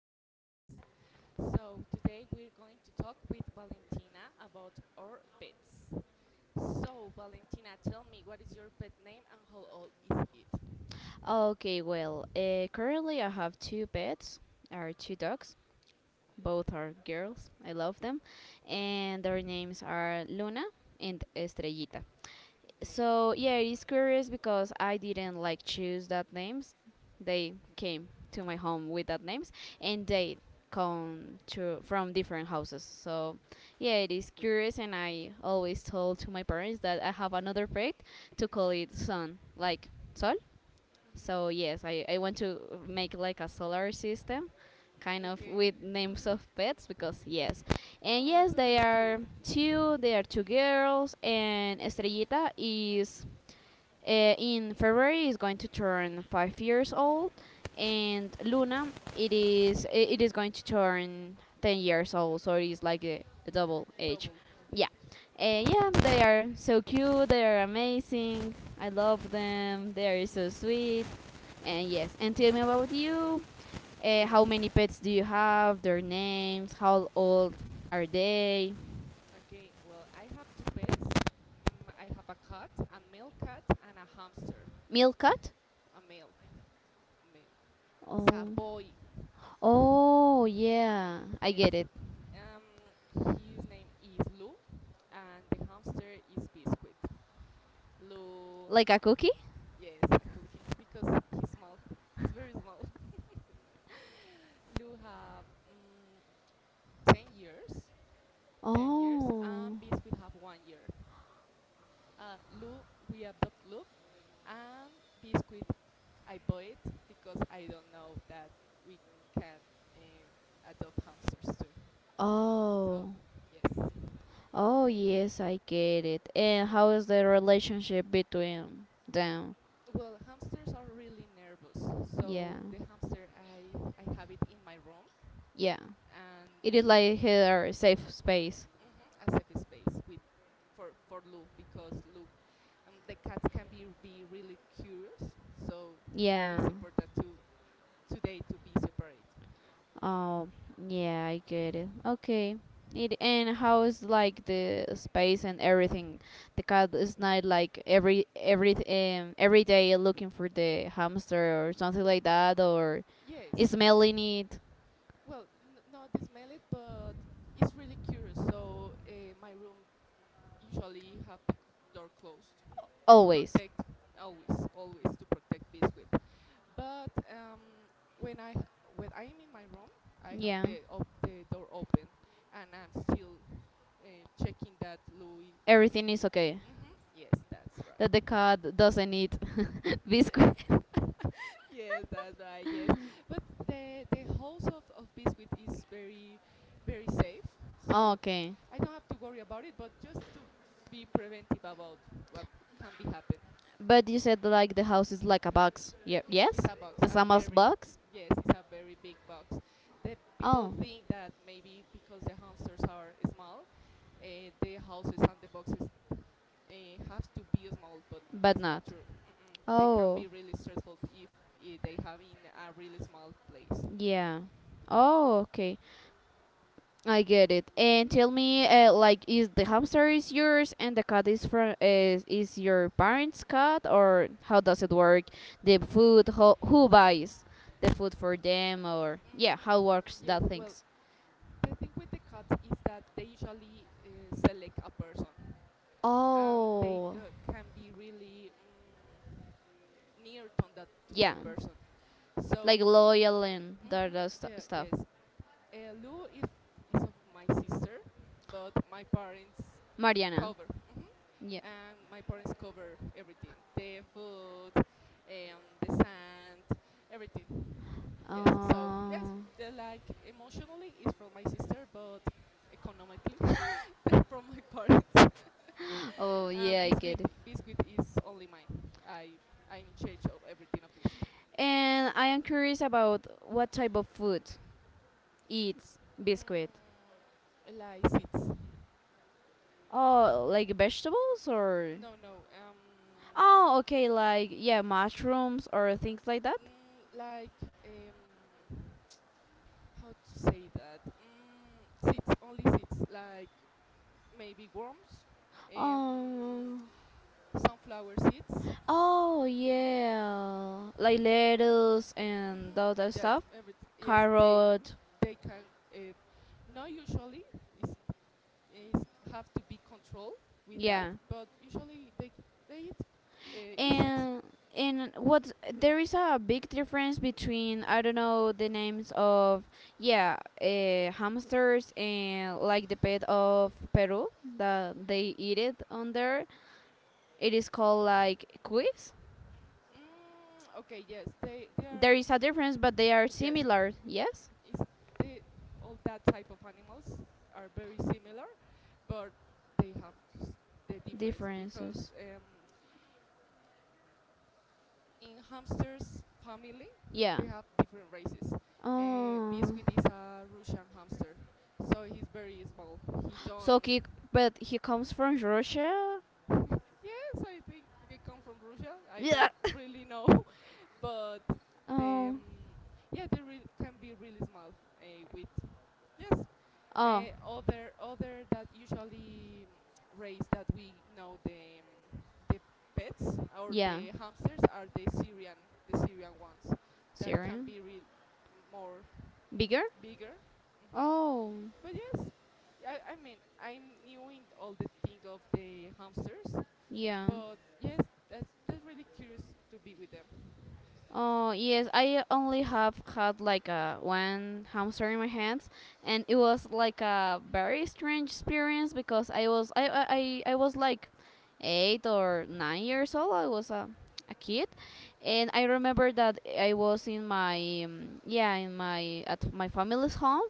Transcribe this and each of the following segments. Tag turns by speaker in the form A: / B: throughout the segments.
A: our pets. So, today we're going to talk with Valentina about our pets. So, Valentina, tell me what is your pet name and how old is it?
B: Currently I have two pets, are two dogs. Both are girls. I love them, and their names are Luna and Estrella. So
A: Okay.
B: yeah, it is curious because I didn't like choose that names. They came to my home with that names, and they come to from different houses. So yeah, it is curious, and I always told to my parents that I have another pet to call it Sun, like Sol. So yes, I want to make like a solar system,
A: Mm-hmm.
B: kind of
A: Okay.
B: with names of pets because yes, and
A: Oh, it's
B: yes
A: a
B: they
A: really cute.
B: are two. They are two girls, and Estrellita is in February is going to turn 5 years old, and Luna it is it is going to turn 10 years old, so it is like a double
A: A
B: age.
A: double of the
B: Yeah,
A: age.
B: and yeah,
A: Oh,
B: they are so cute. They are amazing. I love them. They are so sweet. And yes, and tell me about you. How
A: yes.
B: many pets do you have? Their names? How old are they?
A: Okay, well, I have two pets. I have a cat, a male cat, and a hamster.
B: Milk cat?
A: A male. It's a
B: Oh,
A: boy.
B: oh yeah, I
A: Yes.
B: get it.
A: His name is Lou, and the hamster is Biscuit. Lou,
B: Like a
A: ha-
B: cookie?
A: yes, a cookie because he's small. He's very small. Lou have 10 years, 10 years,
B: Oh,
A: and Biscuit have 1 year. Uh, Lou, we adopt Lou, and Biscuit, I bought it because I don't know that we can adopt hamsters too. So,
B: oh,
A: yes.
B: oh, yes, I get it. And how is the relationship between them?
A: Well, hamsters are really nervous.
B: Yeah,
A: So, the hamster I, I have it in my room
B: yeah.
A: and
B: It is
A: l-
B: like her safe space.
A: mhm, a safe space with for Luke because Luke the cats can be really curious. So,
B: Yeah.
A: it's important to today to be separate.
B: Oh, yeah, I get it. Okay. It and how is like the space and everything? The cat is not like every day looking for the hamster or something like that or
A: Yes.
B: smelling it
A: Well, not this mallet, but it's really curious. So my room usually have the door closed to
B: always.
A: protect always always to protect Biscuit, but when i when I'm in my room, I have
B: Yeah.
A: the door open, and I'm still checking that Louis.
B: Everything is okay.
A: Hmm, yes, that's right.
B: That the cat doesn't eat biscuit.
A: Yes, that's right, yes, but the house of Biscuit is very very safe,
B: Oh,
A: so
B: okay.
A: I don't have to worry about it, but just to be preventive about what can be happen.
B: But you said like the house is like a box. Yeah. Yes?
A: It's a box,
B: A Samas box?
A: yes, it's a very big box. The people
B: Oh.
A: think that maybe because the hamsters are small, the houses and the boxes have to be small, but
B: But
A: that's not
B: not.
A: true. Mm-mm. They can be
B: Oh.
A: really stressful if they have in a really small place.
B: Yeah. Oh, okay. I get it. And tell me like is the hamster is yours and the cat is is your parents' cat or how does it work? The food who buys the food for them or yeah,
A: Mm,
B: how works
A: yeah,
B: that
A: well,
B: things?
A: the thing with the cats is that they usually select a person, and they
B: Oh,
A: go, can be really near to that to
B: yeah,
A: that person.
B: like
A: So.
B: loyal and that,
A: Mm-hmm.
B: stu-
A: Yeah,
B: stuff.
A: yes. Lou is of my sister, but my parents
B: Mariana,
A: cover. Hmm.
B: yeah.
A: And my parents cover everything: the food, the sand, everything. Yes. So yes,
B: Uh,
A: they're like emotionally is from my sister, but economically they're from my parents.
B: oh,
A: um,
B: yeah, I get
A: biscuit,
B: it.
A: biscuit is only mine. I'm in charge of everything of Biscuit.
B: And I am curious about what type of food eats biscuit.
A: Mm, like six.
B: Oh, like vegetables or?
A: No, no.
B: Oh, okay, like yeah, mushrooms or things like that.
A: Like um, how to say that? Seeds, only seeds, like maybe worms, um,
B: Oh,
A: sunflower seeds.
B: oh yeah,
A: Mm,
B: like lettuce
A: hmm
B: and all that
A: that
B: stuff.
A: everything. Yes, they
B: Carrot,
A: they can. Not usually is is have to be controlled with that,
B: yeah.
A: but usually they eat insects.
B: And and what there is a big difference between I don't know the names of yeah hamsters and like the pet of Peru that they eat it on there. It is called like quiz.
A: Mm, okay, yes, they are
B: There is a difference, but they are
A: yes
B: similar. Yes,
A: is the, all that type of animals are very similar, but they have s- the difference
B: differences.
A: because in hamsters family
B: Yeah.
A: they have different races.
B: Oh,
A: Biscuit is a Russian hamster, so he's very small. He don't.
B: so he but he comes from Russia.
A: Yes, I think they come from Russia. I don't
B: Yeah.
A: really know, but they
B: Oh.
A: yeah, can be really small with yes.
B: Oh.
A: Other that usually race that we know mm, the pets or
B: Yeah.
A: the hamsters are the Syrian ones that can
B: Syrian.
A: be real more
B: Bigger.
A: bigger. Hmm.
B: Oh.
A: But yes, I mean I'm new in all the thing of the hamsters,
B: Yeah.
A: but yes, that's really curious to be with them.
B: Oh yes, I only have had like a one hamster in my hands, and it was like a very strange experience because I was like 8 or 9 years old. I was a kid, and I remember that I was in my at my family's home,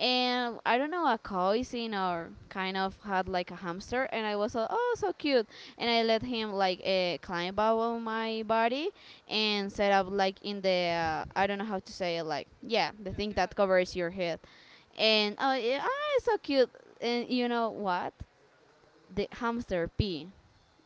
B: and I don't know a cousin or kind of had like a hamster, and I was oh so cute, and I let him like climb up on my body and set up like in the I don't know how to say it like yeah the
A: yeah,
B: thing
A: the
B: that
A: hat.
B: covers your head
A: Hmm.
B: and oh yeah, ah, it's so cute and you know what the hamster pee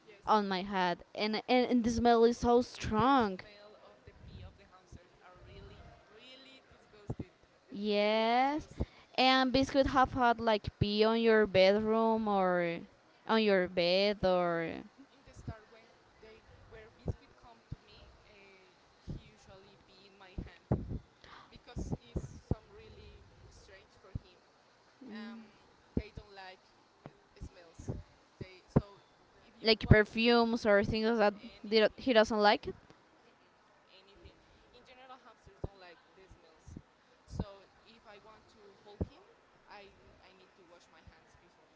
A: Yes.
B: on my head and the smell is so
A: The
B: strong
A: smell of the pee of the hamsters are really, really disgusting. It's very
B: yes
A: disgusting.
B: and biscuit have had like pee on your bedroom or on your bed
A: Mm,
B: or
A: in the start, when they where Biscuit come to me, he usually pee in my hand because it's some really strange for him. Um, they don't like uh, smells. They so if you
B: like
A: want
B: perfumes or
A: mhm,
B: things that he
A: anything,
B: doesn't like
A: nah. Mm-mm, anything. In general, hamsters don't like the smells. So if I want to hold him, I need to wash my hands before.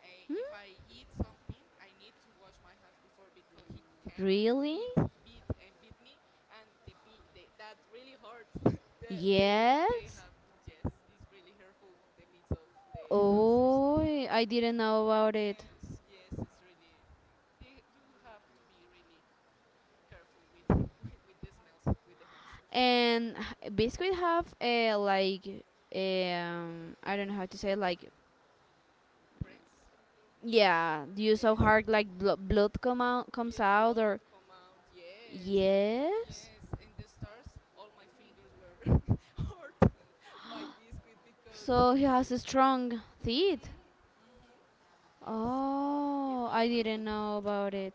A: If I eat something, I need to wash my hands before because he can
B: really
A: beat beat and beat me, and the that really hurts. the, they
B: yes.
A: have, yes, it's really hurtful the beats of the hamsters.
B: Oh, I didn't know about it.
A: yes, yes, it's really. You have to be really careful with with the smells with the hamsters.
B: And biscuit have like I don't know how to say like
A: Prints.
B: yeah, do you so
A: Yes.
B: hard like blood comes
A: Yeah,
B: out
A: blood
B: or
A: come out. Yes.
B: yes?
A: Yes. And the stars, all my fingers were hurt by Biscuit because
B: So he
A: he's
B: has
A: real.
B: a strong teeth.
A: Mhm. Mhm. Yes. It's
B: Oh,
A: really
B: I didn't
A: hurtful.
B: know about it.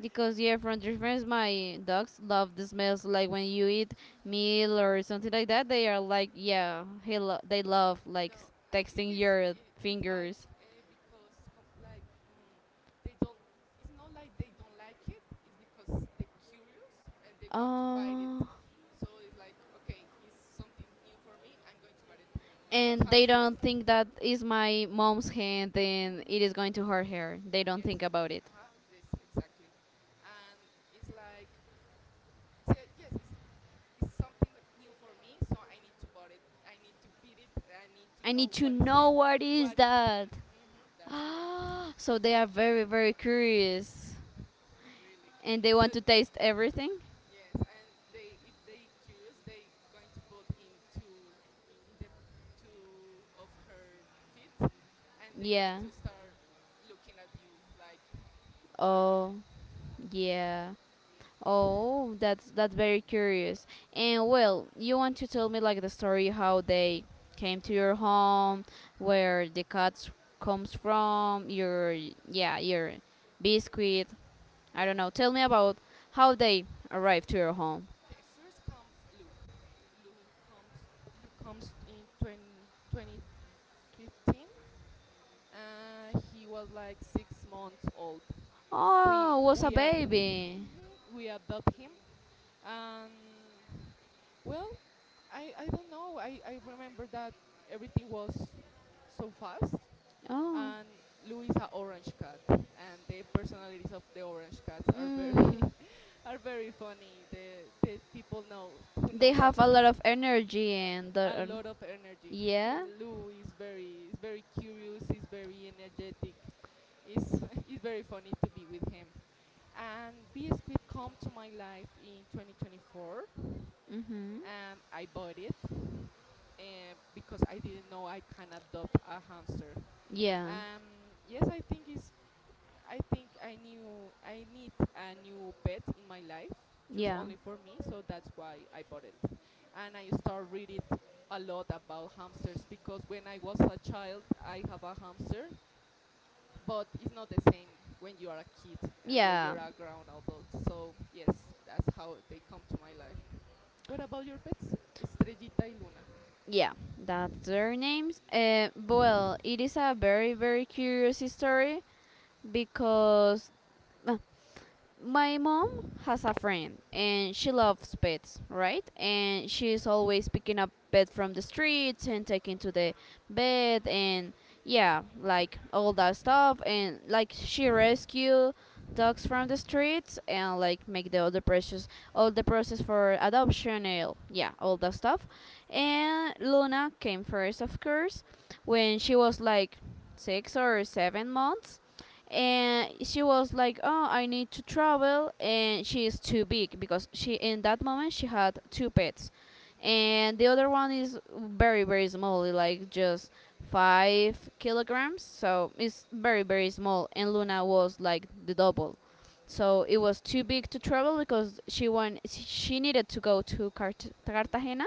B: Because yeah, from the friends, my dogs love the smells. Like when you eat
A: Hmm.
B: meal or something like that, they are like, yeah, they love like
A: No, I think
B: texting
A: it's
B: your
A: it, it's like
B: fingers.
A: because like they don't. It's not like they don't like it. It's because they're curious and they want to bite it.
B: Oh,
A: So it's like okay, it's something new for me. I'm going to bite it because
B: and they
A: hamsters.
B: don't think that is my mom's hand, then
A: Mm-hmm.
B: it is going to hurt her. They don't
A: Yes.
B: think about it.
A: Uh huh. Yes, exactly, and it's like "Yes it's something new for me, so I need to bought it, I need to beat it, I need to
B: I need
A: know
B: to
A: what is
B: know what is
A: what is this.
B: that.
A: That's correct,
B: So they are very very curious,
A: really,
B: and they
A: so
B: want to taste everything.
A: yes, and they if they curious, they going to put into in the two of her feet, and they going
B: Yeah.
A: to start looking at you like who are you.
B: Oh, yeah. Oh, that's very curious. And well, you want to tell me like the story how they came to your home, where the cats comes from, your yeah, your biscuit. I
A: Well,
B: don't know. Tell me about how they arrived to your home.
A: okay, first comes Lou. Lou comes Lou comes in 2020. 15. He was like 6 months old.
B: Oh, was a
A: We
B: baby.
A: mhm, we adopt him, and well, I don't know. I remember that everything was so fast,
B: Oh,
A: and Lou is a orange cat, and the personalities of the orange cats are very
B: mm,
A: are very funny. The people know who
B: they
A: knows
B: have a
A: about
B: lot of energy and
A: a
B: the,
A: lot of energy.
B: yeah,
A: Lou is very curious. He's very energetic. It's it's very funny to be with him. And B Squid come to my life in 2024. I bought it and because I didn't know I can adopt a hamster.
B: yeah,
A: Yes, I think I knew I need a new pet in my life, just
B: yeah,
A: only for me. So that's why I bought it, and I start reading a lot about hamsters because when I was a child, I have a hamster, but it's not the same when you are a kid and when
B: yeah.
A: you're a grown adult. So yes, that's how they come to my life. What about your pets, Estrellita y Luna?
B: Yeah, that's their names. It is a very, very curious story because my mom has a friend and she loves pets, right? And she's always picking up pets from the streets and taking to the vet and yeah, like all that stuff and like she rescue dogs from the streets and like make the other process all the process for adoption and yeah, all that stuff. And Luna came first of course when she was like 6 or 7 months and she was like oh I need to travel and she is too big because she in that moment she had two pets
A: Mm,
B: and the other one is very very small like just 5 kilograms so it's
A: okay.
B: very very small and luna was like the double so it was too big to travel because she needed to go to cartagena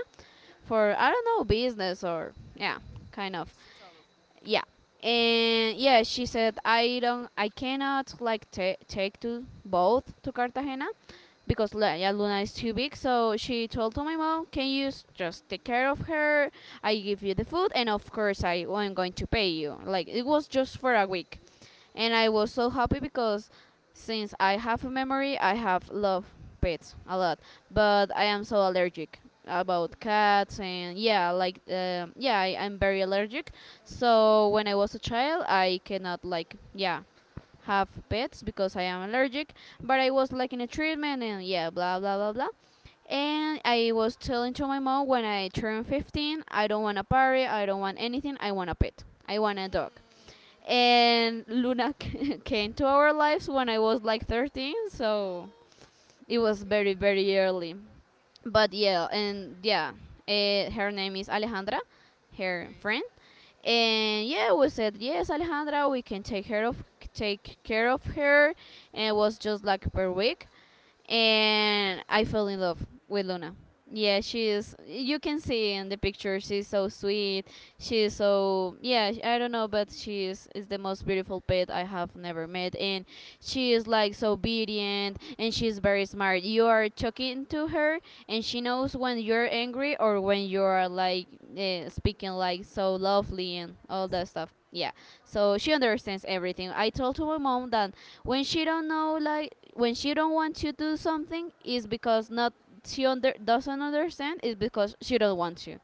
B: for I don't know business or
A: Yeah.
B: yeah
A: Yeah,
B: kind
A: he
B: of
A: needs to travel.
B: yeah and yeah she said I cannot like ta take to both to cartagena because yeah, Luna is too big. So she told to my mom, "Can you just take care of her? I give you the food, and of course I am going to pay you." Like it was just for a week, and I was so happy because since I have a memory, I have loved pets a lot,
A: Mm-hmm.
B: but I am so allergic about
A: Mm,
B: cats and yeah like yeah I'm very allergic
A: okay.
B: so when I was a child I cannot like yeah have pets because I am allergic, but I was like in a treatment and yeah, blah blah blah blah. And I was telling to my mom when I turned 15, I don't want a party, I don't want anything, I want a pet. I want a dog. And Luna came to
A: Hmm.
B: our lives when I was like 13, so it was very
A: Okay.
B: very early but yeah and yeah her name is alejandra her
A: Okay.
B: friend and yeah we said yes alejandra we can take care of her and it was just like per week and I fell in love with
A: Mm,
B: luna yeah she is you can see in the picture she's so sweet she's so yeah I don't know but is the most beautiful pet I have never met and she is like so obedient and she's very smart. You are talking to her and she knows when you're angry or when you're like speaking like so lovely and all
A: yes. Mm,
B: that stuff. Yeah. So she understands everything. I told to my mom that when she don't want to do something is because not she under, doesn't understand is because she don't want to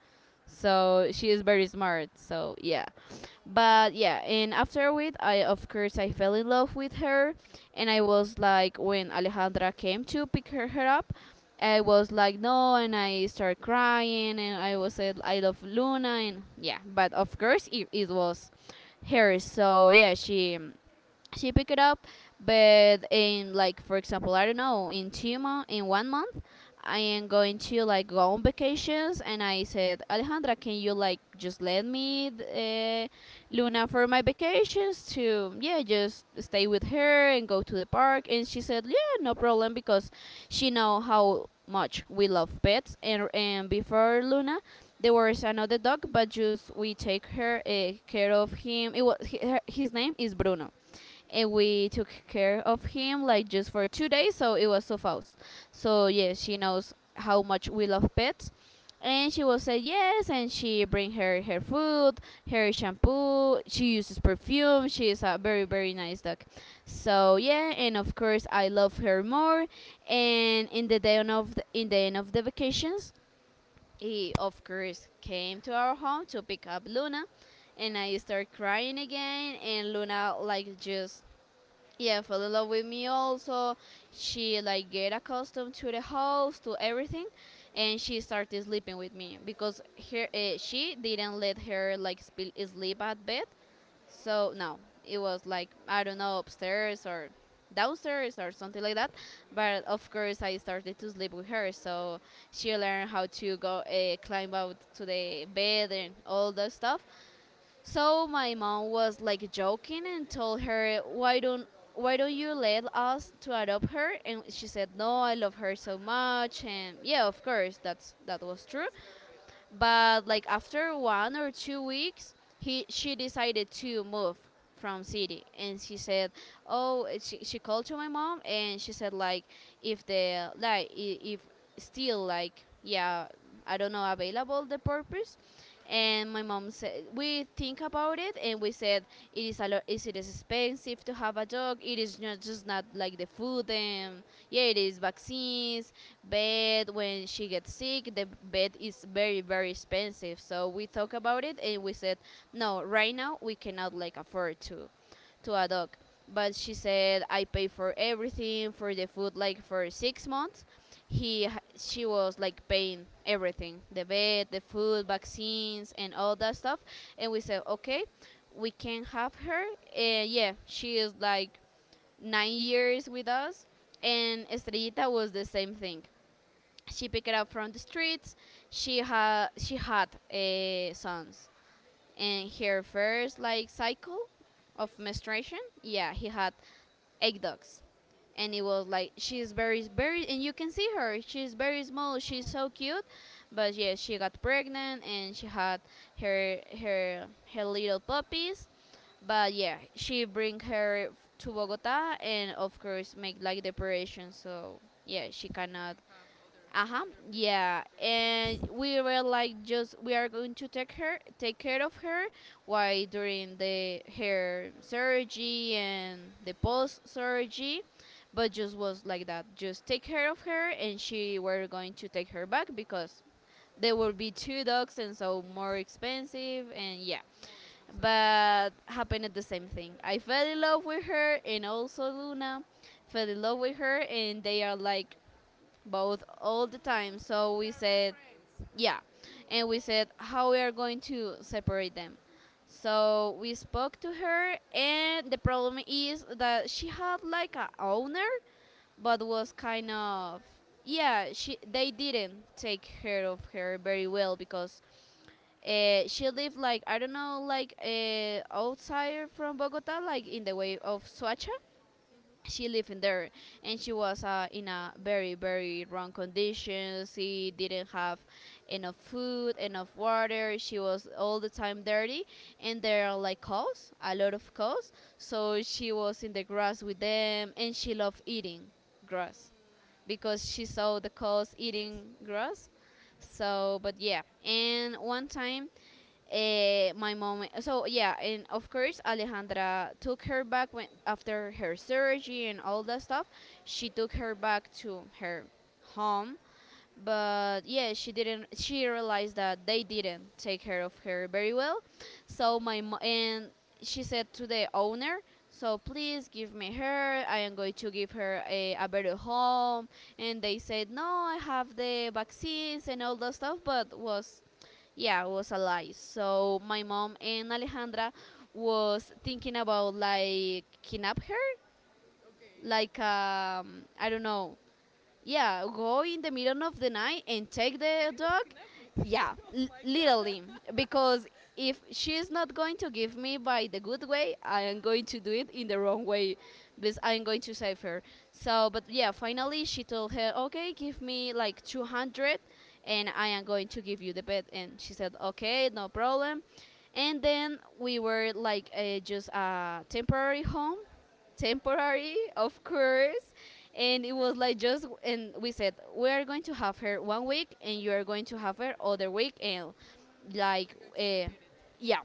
B: so she is very smart so yeah
A: no.
B: but yeah and after a week I of course I fell in love with her and I was like when alejandra came to her up I was like no and I started crying and I was said I love luna and yeah but of course it was her so yeah she picked it up but in like for example I don't know in two months in one month I am going to like go on vacations, and I said, Alejandra, can you like just let me
A: Big
B: Luna
A: with.
B: for my vacations to
A: Mm, okay.
B: yeah just stay with her and go to the park? And she said, yeah, no problem because she know how much we love pets, and before Luna. There was another dog, but just we take her care of him. It was his name is Bruno and
A: Mm,
B: we took care of him like just for 2 days so it was so fast so yes, she knows how much we love pets. And she will say yes, and she bring her food, her shampoo. She uses perfume. She is a very very
A: mm,
B: nice dog. So yeah, and of course I love her more. And in the day of the, in the end of the vacations, he of course came to our home to pick up Luna, and I
A: okay.
B: start crying again. And Luna
A: Oh,
B: like just, yeah, fell in love with me also. She like get accustomed to the house, to everything, and she started sleeping with me because her she didn't let her like sleep at bed.
A: no.
B: So no, it was like, I don't know,
A: Mm.
B: upstairs or downstairs or something like that. But of course I started to sleep with her, so she learned how to go climb out to the bed and all that stuff. So my mom was like joking and told her, "Why don't you let us to adopt her?" And she said, "No, I love her so much." And yeah, of course, that was true.
A: That's her pet.
B: But like after 1 or 2 weeks, he she decided to move from city. And she said, oh, she called to my mom and she said like, if the like if still like, yeah, I don't know, available the purpose.
A: Okay.
B: And my mom said, we think about it, and we said it is a lot, is it is expensive to have a dog. It is not just not like the food, and yeah, it is vaccines, bed. When she gets sick, the bed is very very expensive. So we talk about it and we said no, right now we cannot like afford to a
A: That's her.
B: dog. But she said, I pay for everything, for the food, like for 6 months. he h- she was like paying everything, the bed, the food, vaccines, and all that stuff. And we said okay, we can have her. And yeah, she is like 9 years with us. And
A: Mm,
B: Estrellita was the same thing. She picked it up from the streets. She had sons in her first like cycle of
A: yes.
B: menstruation. Yeah, he had egg ducts. And it
A: No.
B: was like she's very very, and you can see her, she's very
A: They're
B: small, she's
A: small.
B: so cute. But yeah, she got pregnant and she had her her little puppies. But yeah, she bring to Bogota, and of course make like depression. So yeah, she
A: She
B: cannot.
A: can have other
B: Uh-huh.
A: other pets,
B: Yeah.
A: other
B: And
A: puppies.
B: we were like just, we are going to take her, take care of her while during the her surgery and the post surgery. But just was like that. Just take care of her, and she were going to take her back because there will be two dogs and so more
A: Yes.
B: expensive, and yeah.
A: More responsibilities.
B: But happened at the same thing. I fell in
A: Mm.
B: love with her, and also Luna fell in love with her, and they are like both all the
A: Oh,
B: time. So we
A: they're be
B: said,
A: friends. Mm.
B: yeah. And we said, how we are going to separate them? So we spoke to her, and the problem is that she had like a owner, but was kind of, yeah. She They didn't take care of her very well because she lived like, I don't know, like outside from Bogota, like in the way of Suacha.
A: Mm-hmm.
B: She lived in there, and she was in a very very wrong condition. She didn't have enough food, enough water. She was all the time dirty. And there are like cows, a lot of
A: Mm-hmm.
B: cows. So she was in the grass with them, and she loved eating grass
A: Mm.
B: because she saw the cows
A: Yes.
B: eating grass.
A: Mm.
B: So but yeah, and one time my mom. So yeah, and of course Alejandra took her back when after her surgery and all that stuff. She took her back to her home, but yeah, she didn't. She realized that they didn't take care of her very well. So and she said to the owner. So please give me her. I am going to give her a better home. And they said, no, I have the vaccines and all that stuff, but was, yeah, it was a lie. So my mom and Alejandra was thinking about like kidnap her,
A: Okay.
B: like I don't know, yeah, go in the middle of the night and take the
A: Yes,
B: dog.
A: cannot be.
B: Yeah,
A: Oh my god.
B: literally,
A: I'm
B: because if she's not going to give me by the good way, I am going to
A: going
B: do
A: to
B: it in
A: give
B: the
A: it
B: wrong
A: both
B: way,
A: way.
B: because I'm going to save her. So but yeah, finally she told her, okay, give me like 200, and I am going to give you the bed. And she said, okay, no problem. And then we were like, just a temporary home. Temporary, of course. And it was like just, and we said, we are going to have her one week, and you are going to have her other week. And
A: Mm, you're
B: like,
A: going to rotate it.
B: yeah,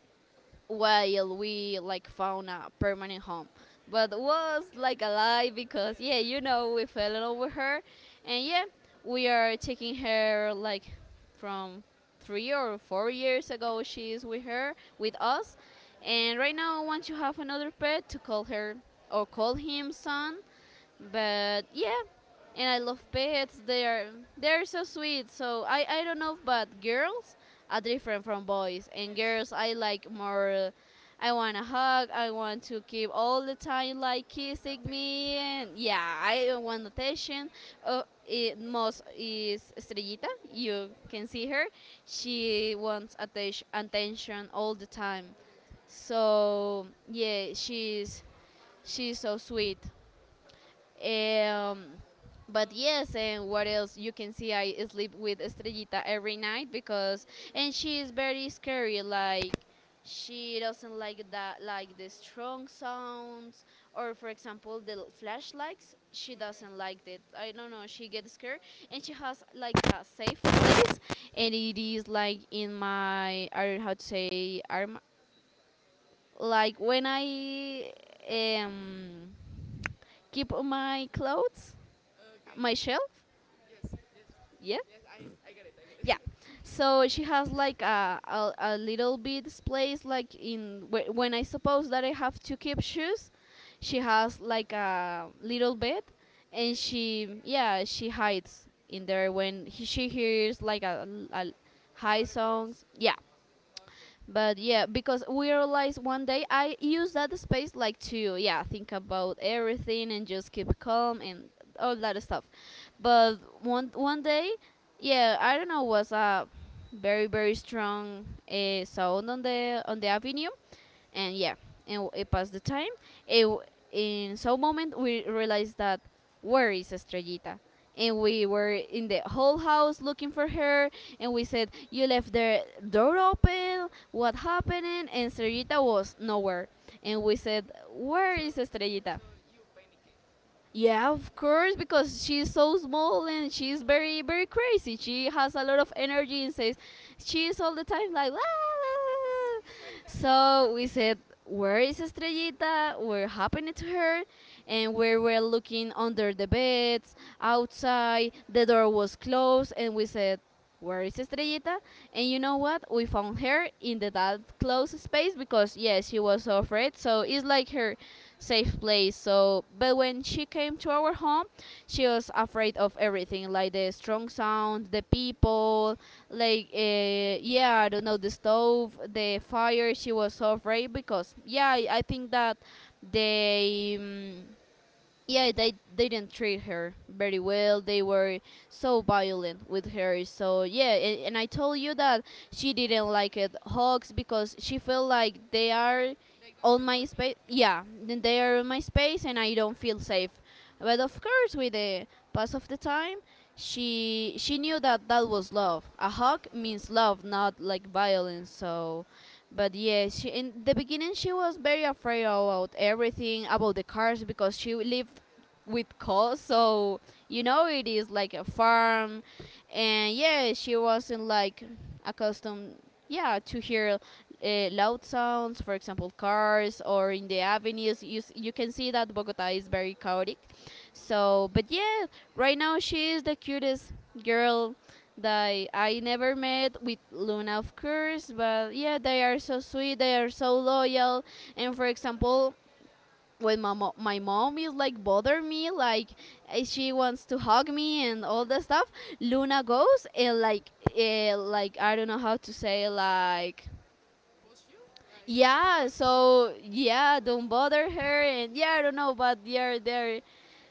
B: while we like found a permanent home. But was like a lie because yeah,
A: Yes.
B: we fell in love with her, and yeah, we are taking her like from 3 or 4 years ago. She is with her with us, and right now I want to have another pet to call her or call him son. But yeah, and I love
A: Mm.
B: pets. They are so sweet. So I don't know, but girls are different from boys, and
A: Yes.
B: girls I like more. I want a hug. I want to keep all the time like
A: The
B: kissing me, and
A: attention.
B: yeah, I want attention. It most is Estrellita. You
A: Mm-hmm.
B: can see her. She wants attention all the time.
A: All the time.
B: So yeah, she's so sweet. Um, but
A: Okay.
B: yes, and what else? You can see I sleep with Estrellita every night because, and
A: Mm.
B: she is very scary. Like she doesn't like that, like the strong sounds, or for example the flashlights. She
A: Okay.
B: doesn't like it. I don't know. She gets scared, and she has like a safe place, and it is like in my, I don't know how to say, arm. Like when I um keep on my clothes,
A: Okay.
B: my shelf.
A: Yes, yes,
B: Yeah,
A: yes. I get it. I get it.
B: yeah. So she has like a little bit space like in when I suppose that I have to keep shoes.
A: yes.
B: She has like a little bed, and
A: Okay.
B: she, yeah, she hides in
A: Mm,
B: there when she hears like a high
A: fireworks.
B: songs, yeah.
A: Okay.
B: But yeah, because we realized one day I use that space like to yeah think about everything and just keep calm and all that
A: Hmm.
B: stuff. But one day, yeah, I don't know, was a very very strong sound on the avenue. And yeah, and it passed the time. it, w- in some moment we realized that, where is Estrellita? And we were in the whole house looking for her. And we said, you left the door open, what happened? And Estrellita was nowhere. And we said, where
A: So
B: is Estrellita?
A: so you panic it.
B: Yeah, of course, because she's so small and she's very, very crazy. She has a lot of energy and says she's all the time like, "Ah, ah, ah."
A: Hmm.
B: So we said, where is Estrellita? We're happened to her? And we were looking under the beds, outside, the door was closed, and we said, where is Estrellita? And you know what? We found her in the that close space because yes, she was so afraid. So it's like her safe place. So, but when she came to our home, she was afraid of everything, like the strong sound, the people, like yeah, I don't know, the stove, the fire. She was so afraid because yeah, I think that they. Mm yeah they didn't treat her very well. They were
A: Hmm.
B: so violent with her. So yeah, and I told you
A: Mm,
B: that
A: yes,
B: she
A: poor
B: didn't like
A: thing.
B: it hugs because she felt like they are
A: They're going
B: on
A: to
B: my
A: hurt me.
B: space. Yeah, then they are on my space and I don't feel safe. But of
A: Mm-hmm.
B: course, with the pass of the time, she knew that that was love. A hug means love, not like violence. So, but
A: Mm,
B: yeah, she, in the beginning she was very afraid about everything, about the cars because she lived with cows. So you know it is like a
A: yes.
B: farm, and yeah, she wasn't like accustomed. Yeah, to hear loud sounds, for example, cars or in the avenues. You, you can see that Bogota is very chaotic. So, but yeah, right now she is the cutest girl that I never met, with Luna, of course. But yeah, they are so sweet, they are so loyal. And for example, when my, my mom is like bother me, like she wants to hug me and all that
A: Mm,
B: stuff, Luna goes and like I don't know how to say like,
A: push you? Like, to
B: yeah.
A: wants to hug
B: So
A: you.
B: yeah, don't
A: Oh.
B: bother her. And yeah, I don't know, but they're there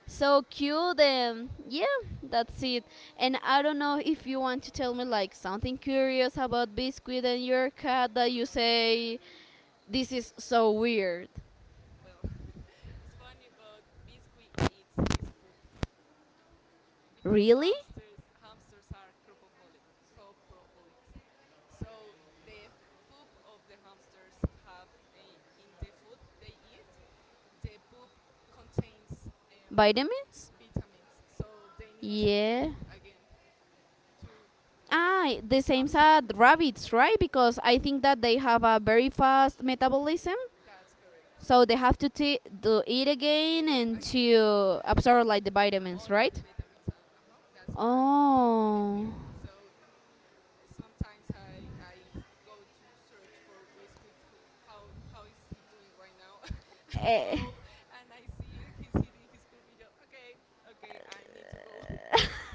B: so cute. Yeah, that's it. And
A: Oh.
B: I don't know if you want to tell me like something curious about Biscuit and your cat that you say this is so weird.
A: Well, it's funny, but Biscuit eats his poop. Because
B: Really?
A: hamsters are coprophilic, copropholics. So the poop of the hamsters have in the food they eat. The poop contains
B: Vitamins?
A: vitamins, so they need to eat
B: Yeah.
A: it again to
B: Ah, the same
A: absorb.
B: as rabbits, right? Because I think
A: Hmm.
B: that they have a very fast metabolism,
A: That's correct.
B: so they have to to eat again
A: Eat it
B: and
A: again.
B: to
A: Hmm.
B: absorb like the
A: All
B: vitamins,
A: of the
B: right?
A: vitamins. Uh huh. That's correct. That's really
B: Oh.
A: weird. So. Sometimes I go to search for Biscuit. How how is he doing right now? And
B: Eh,
A: go, and I see him, he's hitting his poopy. Joe. Okay, okay, I need to go.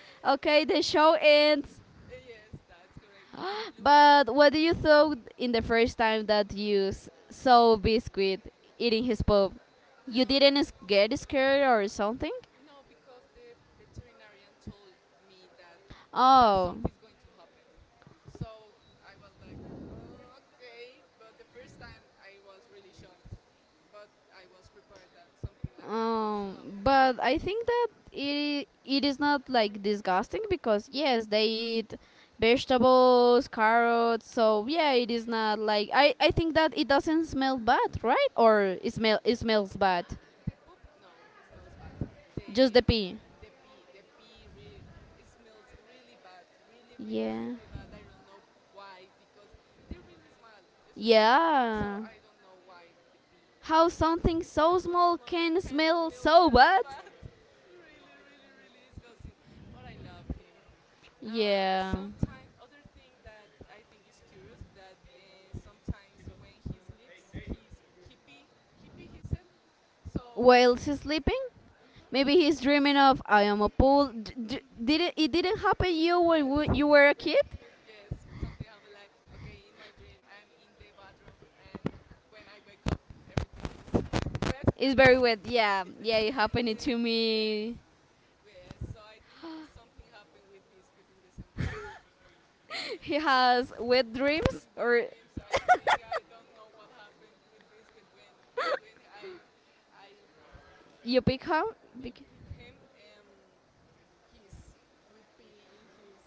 B: okay, the show ends.
A: yes, that's correct. And Lou,
B: But what do you thought in the first time that you saw Biscuit eating his pop? You
A: um,
B: didn't get scared or something?
A: no, because the veterinarian told me that
B: Oh,
A: something's going to happen. So I was like, okay." But the first time I was really shocked, but I was prepared that something like that going to happen.
B: but I think that it is not like disgusting because yes, they eat
A: Hmm.
B: vegetables, carrots. So yeah, it is not like I
A: It's
B: I think
A: not.
B: that it doesn't smell bad, right? Or it smell it smells bad,
A: The poop, no, it smells bad.
B: just
A: The
B: the pee.
A: the pee, really, it smells really bad, really, really,
B: Yeah.
A: really bad. I don't know why because they're really small, small. So
B: Yeah.
A: I don't know why the pee,
B: How something so
A: really
B: small
A: small,
B: can
A: can't
B: smell
A: smell
B: so
A: that
B: bad?
A: bad. really, really, really disgusting. But I love him.
B: Yeah.
A: Sometimes other thing that I think is curious that sometimes when he sleeps, he pee himself. So.
B: While he's sleeping? Maybe
A: Mm-hmm.
B: he's dreaming of I am a pool. Did
A: Mm-hmm.
B: it didn't happen you when
A: Yes.
B: you were a
A: When,
B: kid?
A: yes, something happened. Like okay, in my dream, I'm in the bathroom, and when I wake up, everything is wet.
B: It's very wet. Yeah, yeah, it happened
A: yes,
B: to
A: yes,
B: me.
A: yes. So I think something happened with Biscuit in the same way.
B: He
A: Yes.
B: has wet dreams,
A: In wet
B: or
A: dreams, I think I don't know what happened with Biscuit when, but when I, I
B: you become,
A: be- pick him, um, he's with pee in his,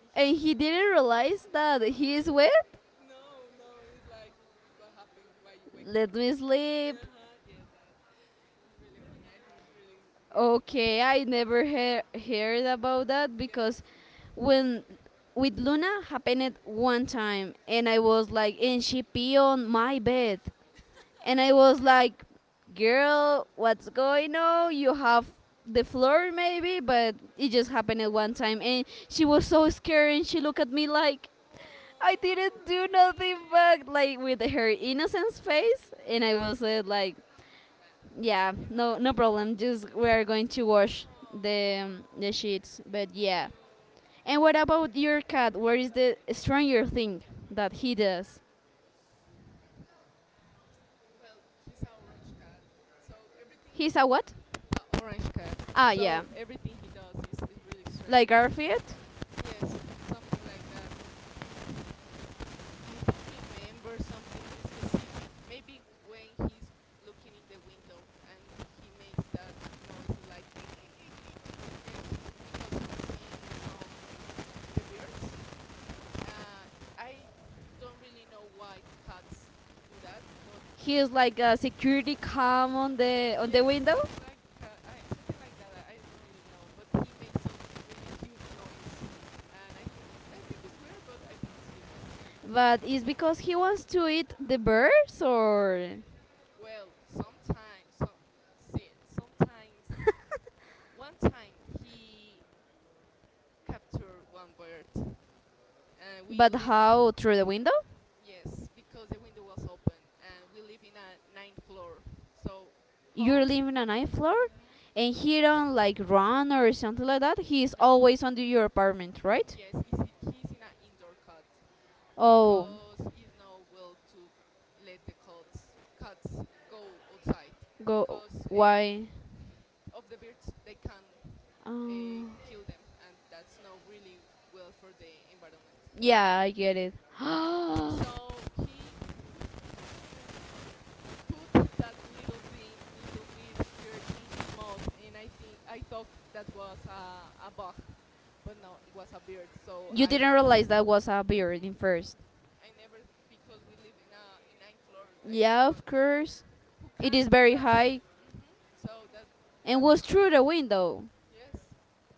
A: in
B: and
A: his
B: he didn't realize that he is wet.
A: No, no, no. It's like, what happened? Why you wake
B: Let
A: me?
B: me sleep.
A: Yeah, huh, yes, that is really funny. I think it's really weird about
B: Okay,
A: him.
B: I never heard about that
A: Yes.
B: because when with Luna happened it one time and I was like, and she pee on my bed, and I
A: Oh
B: was
A: my god.
B: like, girl, what's going on, you have
A: Mhm.
B: the floor maybe, but it just happened at one time, and she was so scared and she looked at me like I
A: Oh,
B: didn't
A: poor thing.
B: do nothing, but like with her innocence face, and I
A: Hmm. Yes.
B: was like yeah,
A: Nah, it's not
B: no,
A: her
B: no
A: fault.
B: problem. Just
A: Yes.
B: we're going to wash
A: Oh,
B: the sheets.
A: so
B: But yeah.
A: cute.
B: And what about your cat? Where is the stranger thing that he does?
A: Well, he's an orange cat, so everything
B: He's a
A: he
B: what?
A: orange cat.
B: Ah, yeah,
A: So everything he does is really
B: like
A: strange.
B: Garfield.
A: Yes, something like that. Mm, I don't remember something in specific. Maybe when he's looking in the window and he makes that noise like "Eek, eek, eek, eek," and he because he's seeing some the birds. Uh, I don't really know why cats do that, but
B: He is like a security cam on the
A: yeah,
B: window.
A: something like something like that. I don't really know, but he makes some really cute noise, and I think it's weird, but I think it's cute.
B: But is because he wants to eat the birds or?
A: Well, sometimes, so see, sometimes one time he captured one bird, and we
B: But
A: live
B: how through the window?
A: yes because the window was open, and we live in a ninth floor. So how?
B: You're living on ninth floor,
A: Mm-hmm,
B: and he don't like run or something like that. He's
A: no,
B: always under your apartment,
A: mm-hmm,
B: right?
A: yes, he's in an indoor cut.
B: Oh.
A: Because is no will to let the cats go outside
B: Go.
A: because um,
B: Why?
A: of the birds they can uh,
B: Um,
A: kill them, and that's not really well for the environment.
B: yeah, I get it.
A: So he put that little thing, little bit bird in his mouth, and I thought that was a bug, but no, it was a bird. So
B: you
A: I,
B: didn't realize that was a
A: hmm
B: beard in
A: hmm,
B: first.
A: I never because we live in a in ninth floor. I
B: Yeah,
A: think
B: of
A: what
B: course.
A: who
B: It
A: can't
B: is
A: do
B: very
A: that.
B: high
A: Hmm. So that
B: and
A: that
B: was
A: uh,
B: through the window.
A: yes,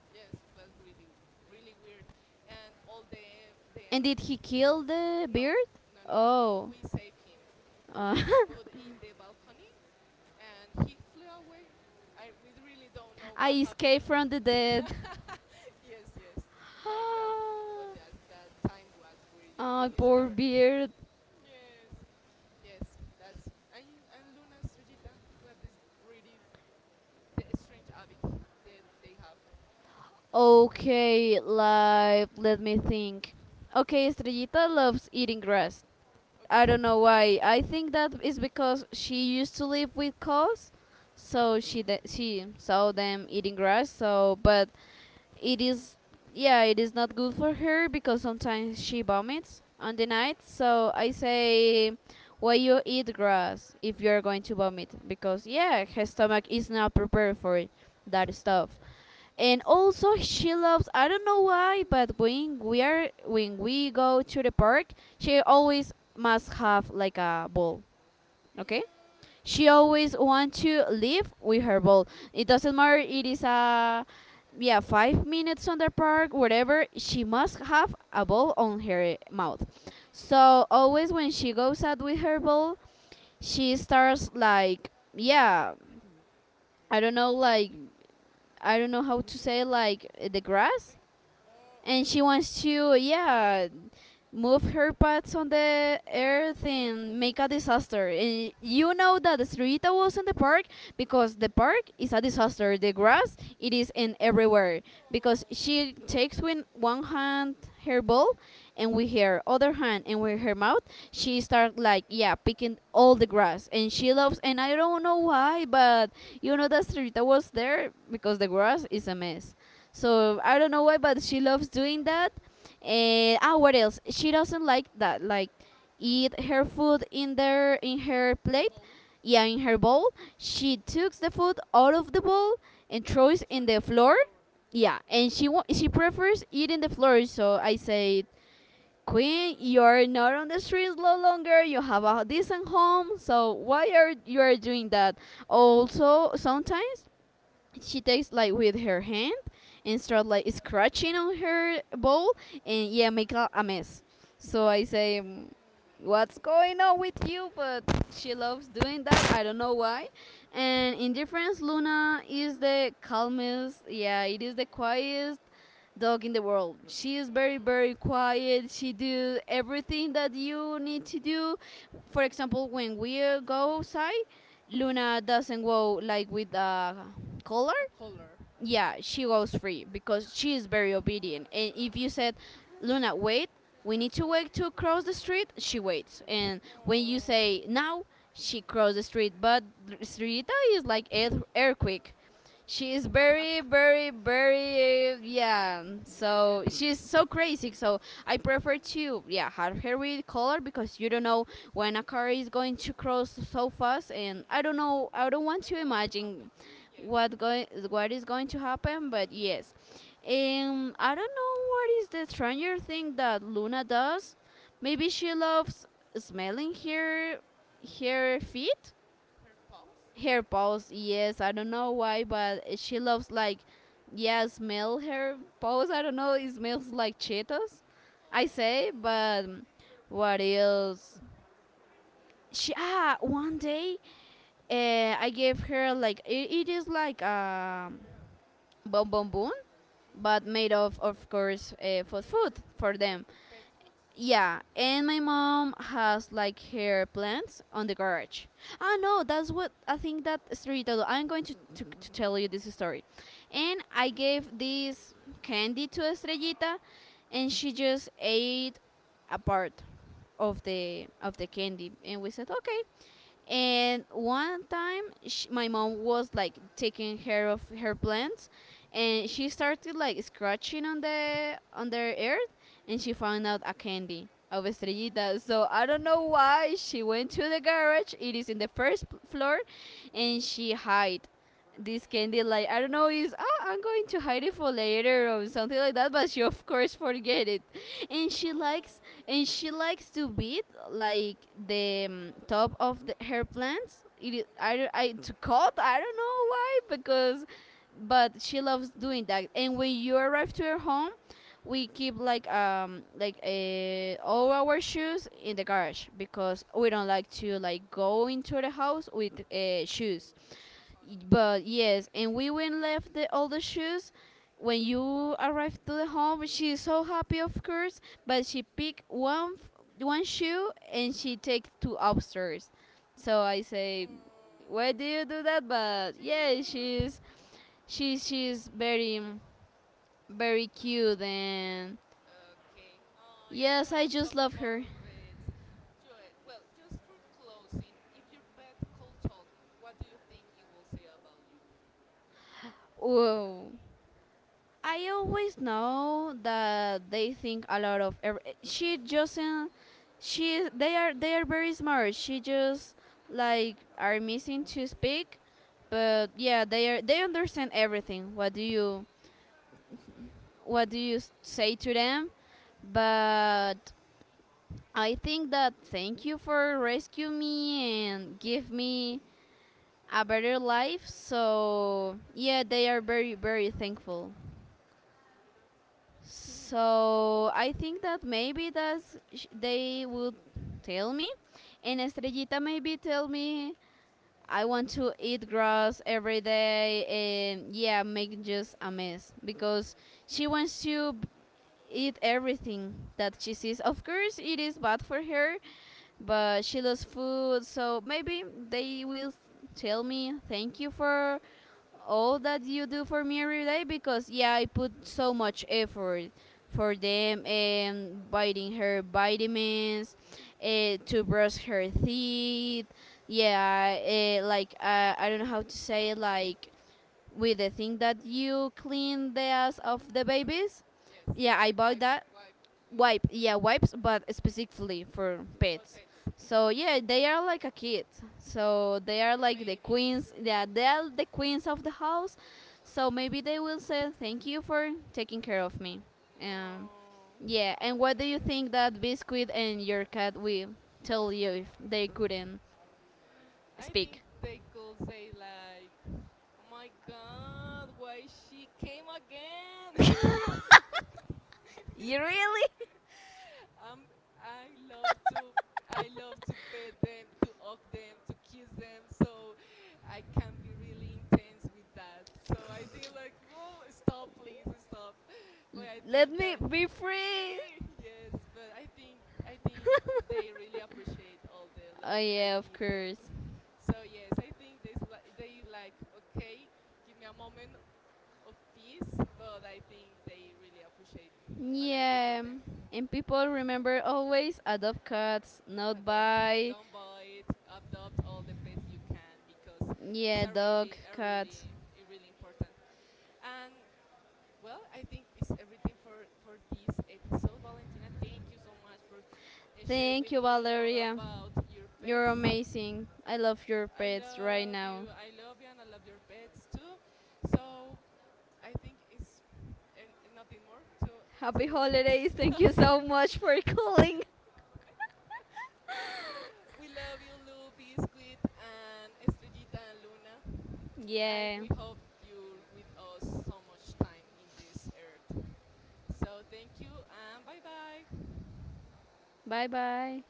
A: yes, was really really weird, and all the the
B: And did
A: um,
B: he kill the
A: no
B: beard?
A: no no no,
B: Oh,
A: we saved him,
B: uh,
A: we put in the balcony, and he flew away. I we really don't know
B: I
A: what happened.
B: escaped from the dead.
A: Yes, yes, like that, but yes that time was really
B: Ah,
A: really
B: poor
A: scared.
B: beard.
A: Yes, yes, that's and Luna Estrellita was this really the strange habit that they have.
B: Okay, like, let me think. Okay, Estrellita loves eating grass. I
A: Okay.
B: don't
A: Okay.
B: know why. I think that is because she used to live with cows, so she saw them eating grass. So, but it is, yeah, it is not good for her because sometimes she vomits on the night. So
A: Mm,
B: I
A: okay.
B: say, why you eat grass if you are going to vomit? Because yeah, her stomach is not prepared for
A: Two.
B: that stuff. And
A: Yes.
B: also she loves, I don't know why, but when we are, when we go to the park, she always must have like a ball. Okay,
A: Mm, okay.
B: she always want to live with her ball. It doesn't matter, it is a, yeah, 5 minutes on the park, whatever, she must have a ball on her mouth.
A: Mm,
B: So always when she goes out with her ball, she starts like, yeah, I don't know, like, I don't know how to say, like the grass,
A: mouthing? Oh,
B: and
A: okay.
B: she wants to, yeah, move her parts on the
A: The
B: earth
A: grass.
B: and make a disaster. And you know that Estrellita was in the park because the park is a disaster, the grass it is in everywhere, because
A: Oh,
B: she takes with one hand her ball, and with her other hand
A: you
B: and
A: fall.
B: with her mouth
A: Mhm.
B: she starts like, yeah, picking all the grass, and she loves, and I don't know why, but you know that Estrellita was there because the grass is a mess. So I
A: Mm.
B: don't know why, but she loves doing that. And ah, what else? She doesn't like that, like eat her food in there in her plate.
A: Bowl.
B: Yeah, in her bowl. She takes the food out of the bowl and throws
A: Throw
B: in the
A: to the
B: floor.
A: floor.
B: Yeah, and she prefers eating the floor. So I said, Queen, you
A: Why?
B: are not on the streets no longer. You have a decent home. So why are you are doing that? Also, sometimes she takes like with her hand and start like scratching on her bowl, and yeah, make a mess. So I say, "Mm, what's going
A: Mm,
B: on with you?" But she loves doing that, I don't know why.
A: yes.
B: And in difference, luna is the calmest, yeah, it is the quietest dog in the world. She is very
A: Mm,
B: very quiet, she do everything that you need to do. For example, when we go outside, Luna doesn't go like with a color.
A: a color. Hmm.
B: Yeah, she
A: Okay.
B: goes free because she is very obedient. And if you said,
A: Mm.
B: Luna, wait, we need to wait to cross the street, she waits.
A: Wait.
B: And when you
A: Oh.
B: say now, she crosses the street. But Sririta is like earthquake. She is very, very, very, yeah. So
A: Energetic.
B: she's so crazy. So I prefer to, yeah, have her with color because you don't know when a car is going to cross so fast, and I
A: Mm,
B: don't know. I don't want
A: I
B: to
A: don't want to
B: imagine
A: happen. Hmm, yes.
B: what going what is going to happen. But
A: Yes.
B: yes, um, I don't know what is the stranger thing that luna does. Maybe she loves smelling her her feet,
A: Her pose.
B: her paws, yes, I don't know why, but she loves like, yeah, smell her paws, I don't know, it smells like cheetos, I say.
A: Oh.
B: But what else, she, ah, one day, I gave her like, it is like, um, Bon Bon Bon, but made
A: Hmm.
B: of course, for
A: Mm,
B: food for
A: for
B: them.
A: pet foods.
B: Yeah, and my mom has like her plants on the garage. Ah, no, that's what I think that story told. I'm going to tell you this story. And I gave this candy to Estrellita, and she just ate a part of the candy, and we said okay. And one time, sh my mom was like taking care of her plants, and she started like scratching on the
A: Mm-hmm.
B: earth, and she found out a candy of estrellita. So I don't know
A: Yeah.
B: why she went to the garage. It is in the first floor, and she hide this candy like, I
A: Oh.
B: don't know,
A: Yes.
B: is, oh, I'm going to hide it for later, or something like that, but she of course forget it. And she likes, and she
A: Oh.
B: likes to beat, like the top of the, her plants, it, I,
A: Okay.
B: I, to cut, I don't know why, because, but she loves doing that. And when you arrive to her home, we keep like all our shoes in the garage because we don't like to like go into the house with shoes.
A: Wish you son.
B: Y-
A: Okay.
B: But yes, and we went left the all the shoes. When you arrived to the home, she is so happy, of course. But
A: Mm.
B: she picked one shoe, and she take two upstairs. So I say, why
A: Oh,
B: do you do that?
A: so
B: But yeah,
A: cute.
B: she's she's very very cute, and
A: Okay. Oh, I
B: yes, I
A: love
B: just
A: talk
B: love
A: about
B: her.
A: our pets. Joy, well, just for closing, if your pet could talk, what do you think it will say about you?
B: Whoa. I always know that they think a lot of. Every, she doesn't. She, they are very smart. She just like are missing to speak, but yeah, they are, they understand everything. What do you, what do you say to them? But I think that, thank you for rescue me and give me a better life. So yeah, they are very very thankful. So I think that maybe that's they would tell me, and Estrellita maybe tell me, I want to eat grass every day, and yeah, make just a mess because she wants to eat everything that she sees.
A: Hmm.
B: Of course, it is bad for her, but she loves food, so maybe they will tell me thank you for all that you do
A: Hmm.
B: for me every day, because yeah, I put so much effort for them, and biting her vitamins, to brush her teeth. Yeah, like, I don't know how to say it, like with the thing that you clean the ass of
A: Mm,
B: the
A: okay.
B: babies.
A: Yes.
B: Yeah, I
A: They
B: bought
A: wipe,
B: that
A: wipe. Uh, yes.
B: wipe. Yeah, wipes, but specifically for
A: For
B: pets.
A: pets. Mm-hmm.
B: So yeah, they are like a
A: Hmm.
B: kid. So they are
A: Your
B: like the
A: babies.
B: queens. Yeah, they are the queens of the house. So maybe they will say thank you for taking care of me. Um,
A: Oh.
B: yeah. And what do you think that biscuit and your cat will tell you if they couldn't
A: I
B: speak?
A: think they could say like, "Oh my God, why she came again?"
B: You really?
A: um, I love to, I love to pet them, to hug them, to kiss them. So I can be really intense with that. So I think like, oh, stop, please, stop.
B: L-
A: But I
B: Let
A: think
B: me
A: that
B: be free.
A: free, yes. But I think they really appreciate all the
B: Oh
A: love I
B: yeah, of
A: give them.
B: course.
A: So yes, I think this li- they like okay, give me a moment of peace, but I think they really appreciate all I do for
B: Yeah.
A: them.
B: And people, remember, always adopt cats, not
A: Adopt,
B: buy.
A: don't buy it. Adopt all the pets you can because it's
B: Yeah,
A: a
B: dog,
A: really, a
B: cats.
A: really, a really important. And well, I think it's everything for this episode, Valentina. Thank you so much for share
B: Thank you,
A: with me all
B: Valeria.
A: about your
B: You're
A: pets.
B: amazing. I love your
A: I
B: pets right
A: love
B: now.
A: you. I love you, and I love your pets too. So I think it's and nothing more to
B: Happy holidays. Thank you
A: to.
B: so much for calling.
A: We love you, Lou, Biscuit, and Estrellita and Luna. I
B: Yeah.
A: we hope you're with us so much time in this earth. So thank you and bye bye.
B: Bye bye.